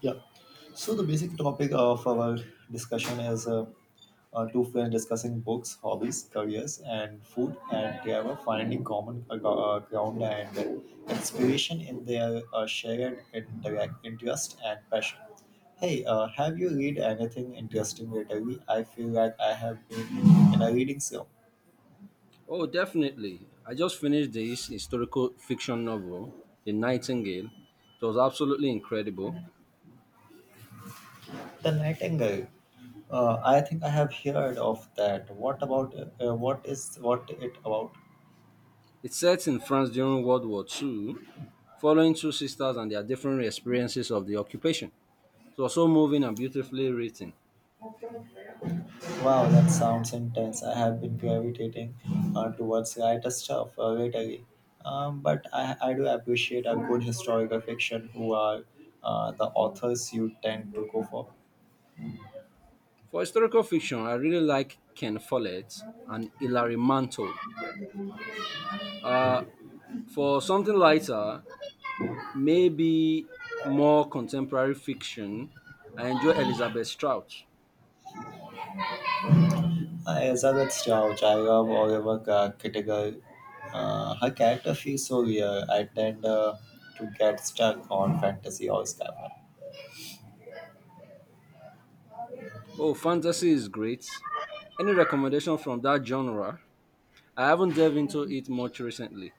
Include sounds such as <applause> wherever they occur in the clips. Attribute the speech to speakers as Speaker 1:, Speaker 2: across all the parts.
Speaker 1: Yeah. So the basic topic of our discussion is two friends discussing books, hobbies, careers, and food, and they are finding common ground and inspiration in their shared interest and passion. Hey, have you read anything interesting lately? I feel like I have been in a reading slump.
Speaker 2: Oh, definitely. I just finished this historical fiction novel, The Nightingale. It was absolutely incredible.
Speaker 1: The Nightingale. I think I have heard of that. What about what is what it about?
Speaker 2: It's set in France during World War II, following two sisters and their different experiences of the occupation. It was so moving and beautifully written.
Speaker 1: Wow, that sounds intense. I have been gravitating towards lighter stuff lately. But I do appreciate a good historical fiction. Who are the authors you tend to go for?
Speaker 2: For historical fiction, I really like Ken Follett and Hilary Mantel. Uh, for something lighter, maybe more contemporary fiction, I enjoy Elizabeth Strout.
Speaker 1: Elizabeth Strauss, I love Kittiger. Her character feels so real. I tend to get stuck on fantasy or sci-fi.
Speaker 2: Oh, fantasy is great. Any recommendation from that genre? I haven't delved into it much recently.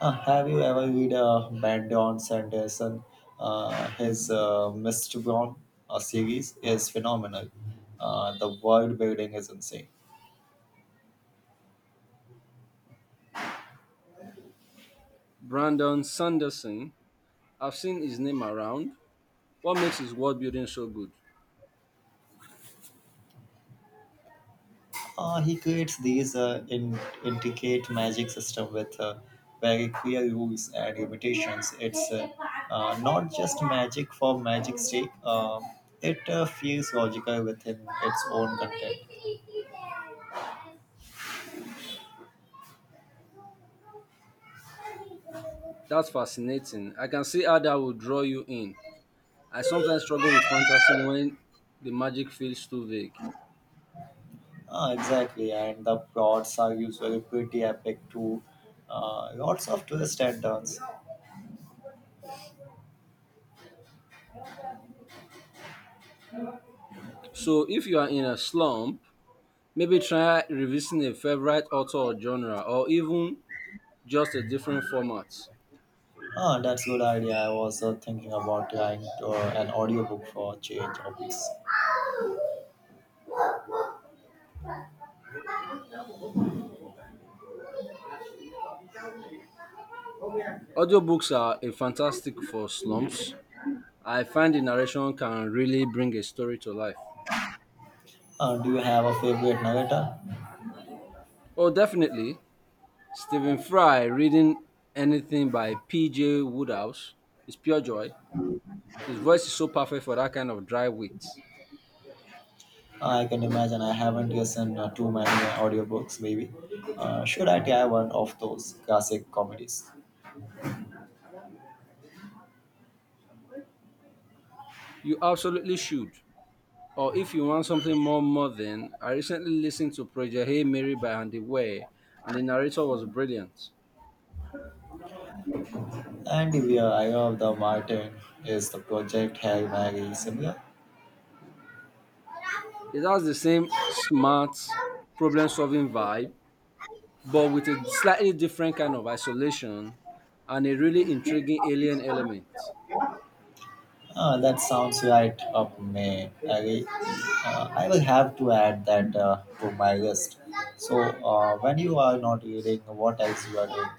Speaker 1: Have you ever read Brandon Sanderson? His Mistborn series is phenomenal. The world building is insane.
Speaker 2: Brandon Sanderson, I've seen his name around. What makes his world building so good?
Speaker 1: He creates these intricate magic system with very clear rules and limitations. It's not just magic for magic's sake. It feels logical within its own content.
Speaker 2: That's fascinating. I can see how that will draw you in. I sometimes struggle with fantasy when the magic feels too vague.
Speaker 1: Ah, exactly, and the plots are usually pretty epic too. Lots of twists and turns.
Speaker 2: So, if you are in a slump, maybe try revisiting a favorite author or genre, or even just a different format.
Speaker 1: Ah, that's a good idea. I was thinking about trying to, an audiobook for a change of hobbies.
Speaker 2: Audiobooks are a fantastic for slumps. I find the narration can really bring a story to life.
Speaker 1: Do you have a favorite narrator?
Speaker 2: Oh, definitely. Stephen Fry reading anything by P.J. Woodhouse is pure joy. His voice is so perfect for that kind of dry wit.
Speaker 1: Ah, I can imagine I haven't listened too many audiobooks, maybe. Should I try one of those classic comedies?
Speaker 2: You absolutely should. Or if you want something more modern, I recently listened to Project Hey Mary by Andy Weir, and the narrator was brilliant.
Speaker 1: And the I of the Martin is the project Harry Mary similar?
Speaker 2: It has the same smart problem solving vibe, but with a slightly different kind of isolation and a really intriguing alien element.
Speaker 1: Ah, that sounds right up my alley. I will have to add that to my list. So, when you are not reading, what else you are doing?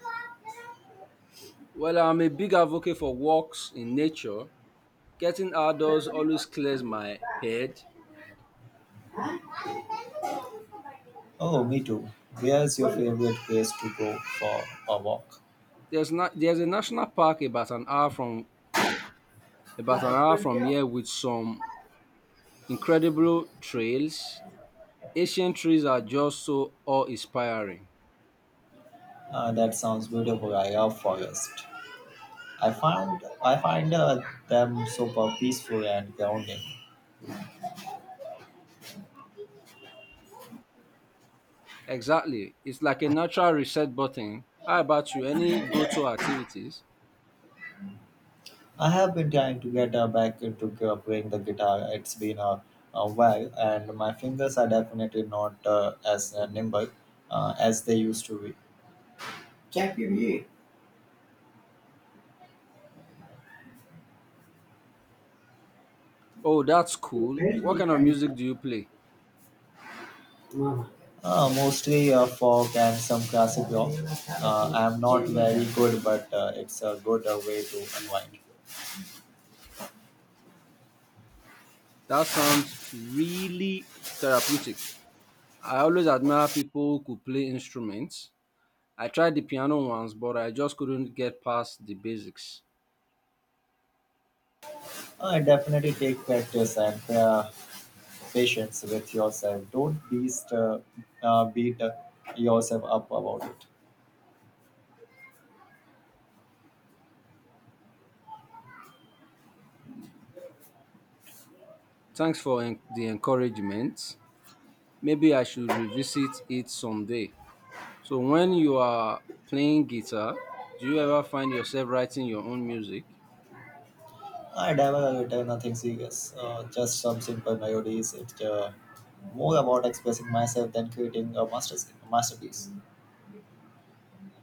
Speaker 2: Well, I'm a big advocate for walks in nature. Getting outdoors always clears my head.
Speaker 1: Oh, me too. Where's your favorite place to go for a walk?
Speaker 2: There's not there's a national park about an hour from
Speaker 1: Uh,
Speaker 2: here with some incredible trails. Ancient trees are just so awe-inspiring.
Speaker 1: that sounds beautiful. I love forest. I find them super peaceful and grounding.
Speaker 2: Exactly. It's like a natural reset button. How about you? Any go-to activities?
Speaker 1: I have been trying to get back into playing the guitar. It's been a while, and my fingers are definitely not as nimble as they used to be. Chakiri,
Speaker 2: Oh, that's
Speaker 1: you
Speaker 2: cool.
Speaker 1: very
Speaker 2: What
Speaker 1: deep
Speaker 2: kind of
Speaker 1: and
Speaker 2: music do you play?
Speaker 1: mama. Mostly folk and some classic rock. I am not very good, but it's a good way to unwind.
Speaker 2: That sounds really therapeutic. I always admire people who could play instruments. I tried the piano once, but I just couldn't get past the basics.
Speaker 1: Definitely take practice and patience with yourself. Don't beat yourself up about it.
Speaker 2: Thanks for the encouragement. Maybe I should revisit it someday. So, when you are playing guitar, do you ever find yourself writing your own music?
Speaker 1: I never written nothing serious, just some simple melodies. It's more about expressing myself than creating a masterpiece.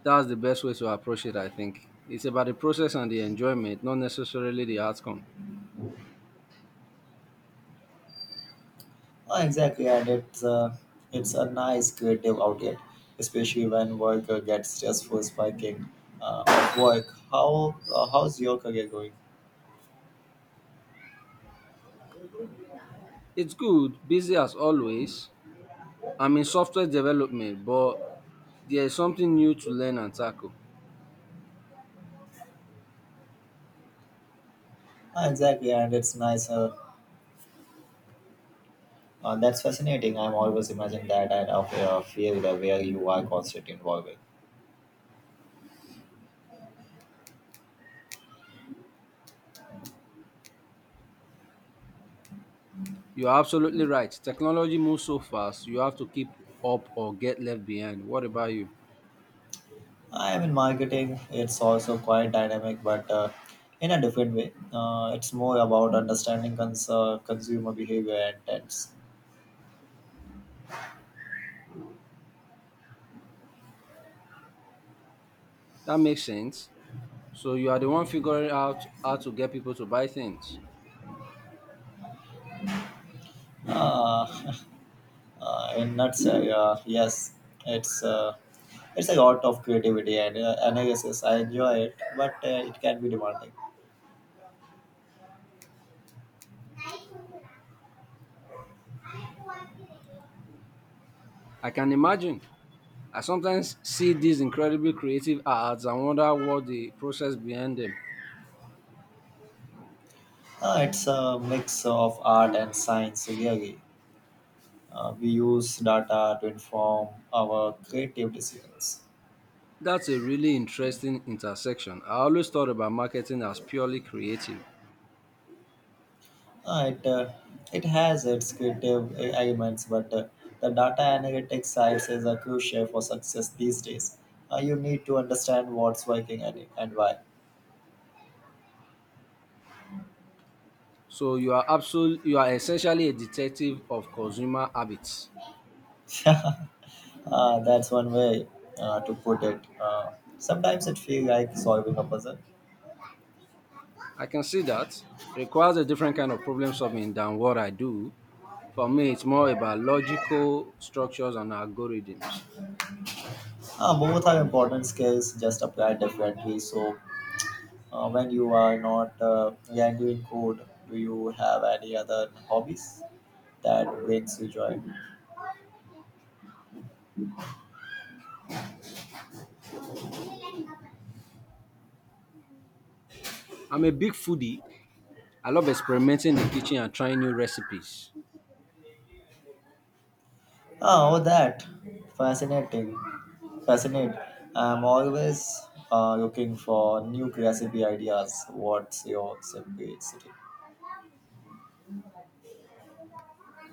Speaker 2: That's the best way to approach it, I think. It's about the process and the enjoyment, not necessarily the outcome.
Speaker 1: Exactly, and it's a nice creative outlet, especially when work gets stressful, spiking of work. How's your career going?
Speaker 2: It's good, busy as always, I'm in software development, but there's something new to learn and tackle.
Speaker 1: Ah, exactly, and it's nice. That's fascinating. I'm always imagining that and of a field where you are constantly involved.
Speaker 2: You're absolutely right. Technology moves so fast, you have to keep up or get left behind. What about you?
Speaker 1: I am in marketing. It's also quite dynamic, but in a different way. It's more about understanding consumer behavior and trends.
Speaker 2: That makes sense. So you are the one figuring out how to get people to buy things.
Speaker 1: Uh, <laughs> in nutshell, yes, it's uh, it's a lot of creativity and analysis. I enjoy it, but it can be demanding.
Speaker 2: I can imagine. I sometimes see these incredibly creative ads and wonder what the process behind them.
Speaker 1: It's a mix of art and science. Really, we use data to inform our creative decisions.
Speaker 2: That's a really interesting intersection. I always thought about marketing as purely creative.
Speaker 1: It it has its creative elements, but the data analytics side is a crucial for success these days. You need to understand what's working and why.
Speaker 2: So you are essentially a detective of consumer habits.
Speaker 1: <laughs> uh, that's one way to put it. Sometimes it feels like solving a puzzle.
Speaker 2: I can see that. Requires a different kind of problem solving than what I do. For me, it's more about logical structures and algorithms.
Speaker 1: Both are important skills, just applied differently. So when you are not handling code, do you have any other hobbies that brings you joy?
Speaker 2: I'm a big foodie. I love experimenting in the kitchen and trying new recipes.
Speaker 1: Oh, that fascinating, fascinating. I'm always looking for new recipe ideas. What's your simplicity?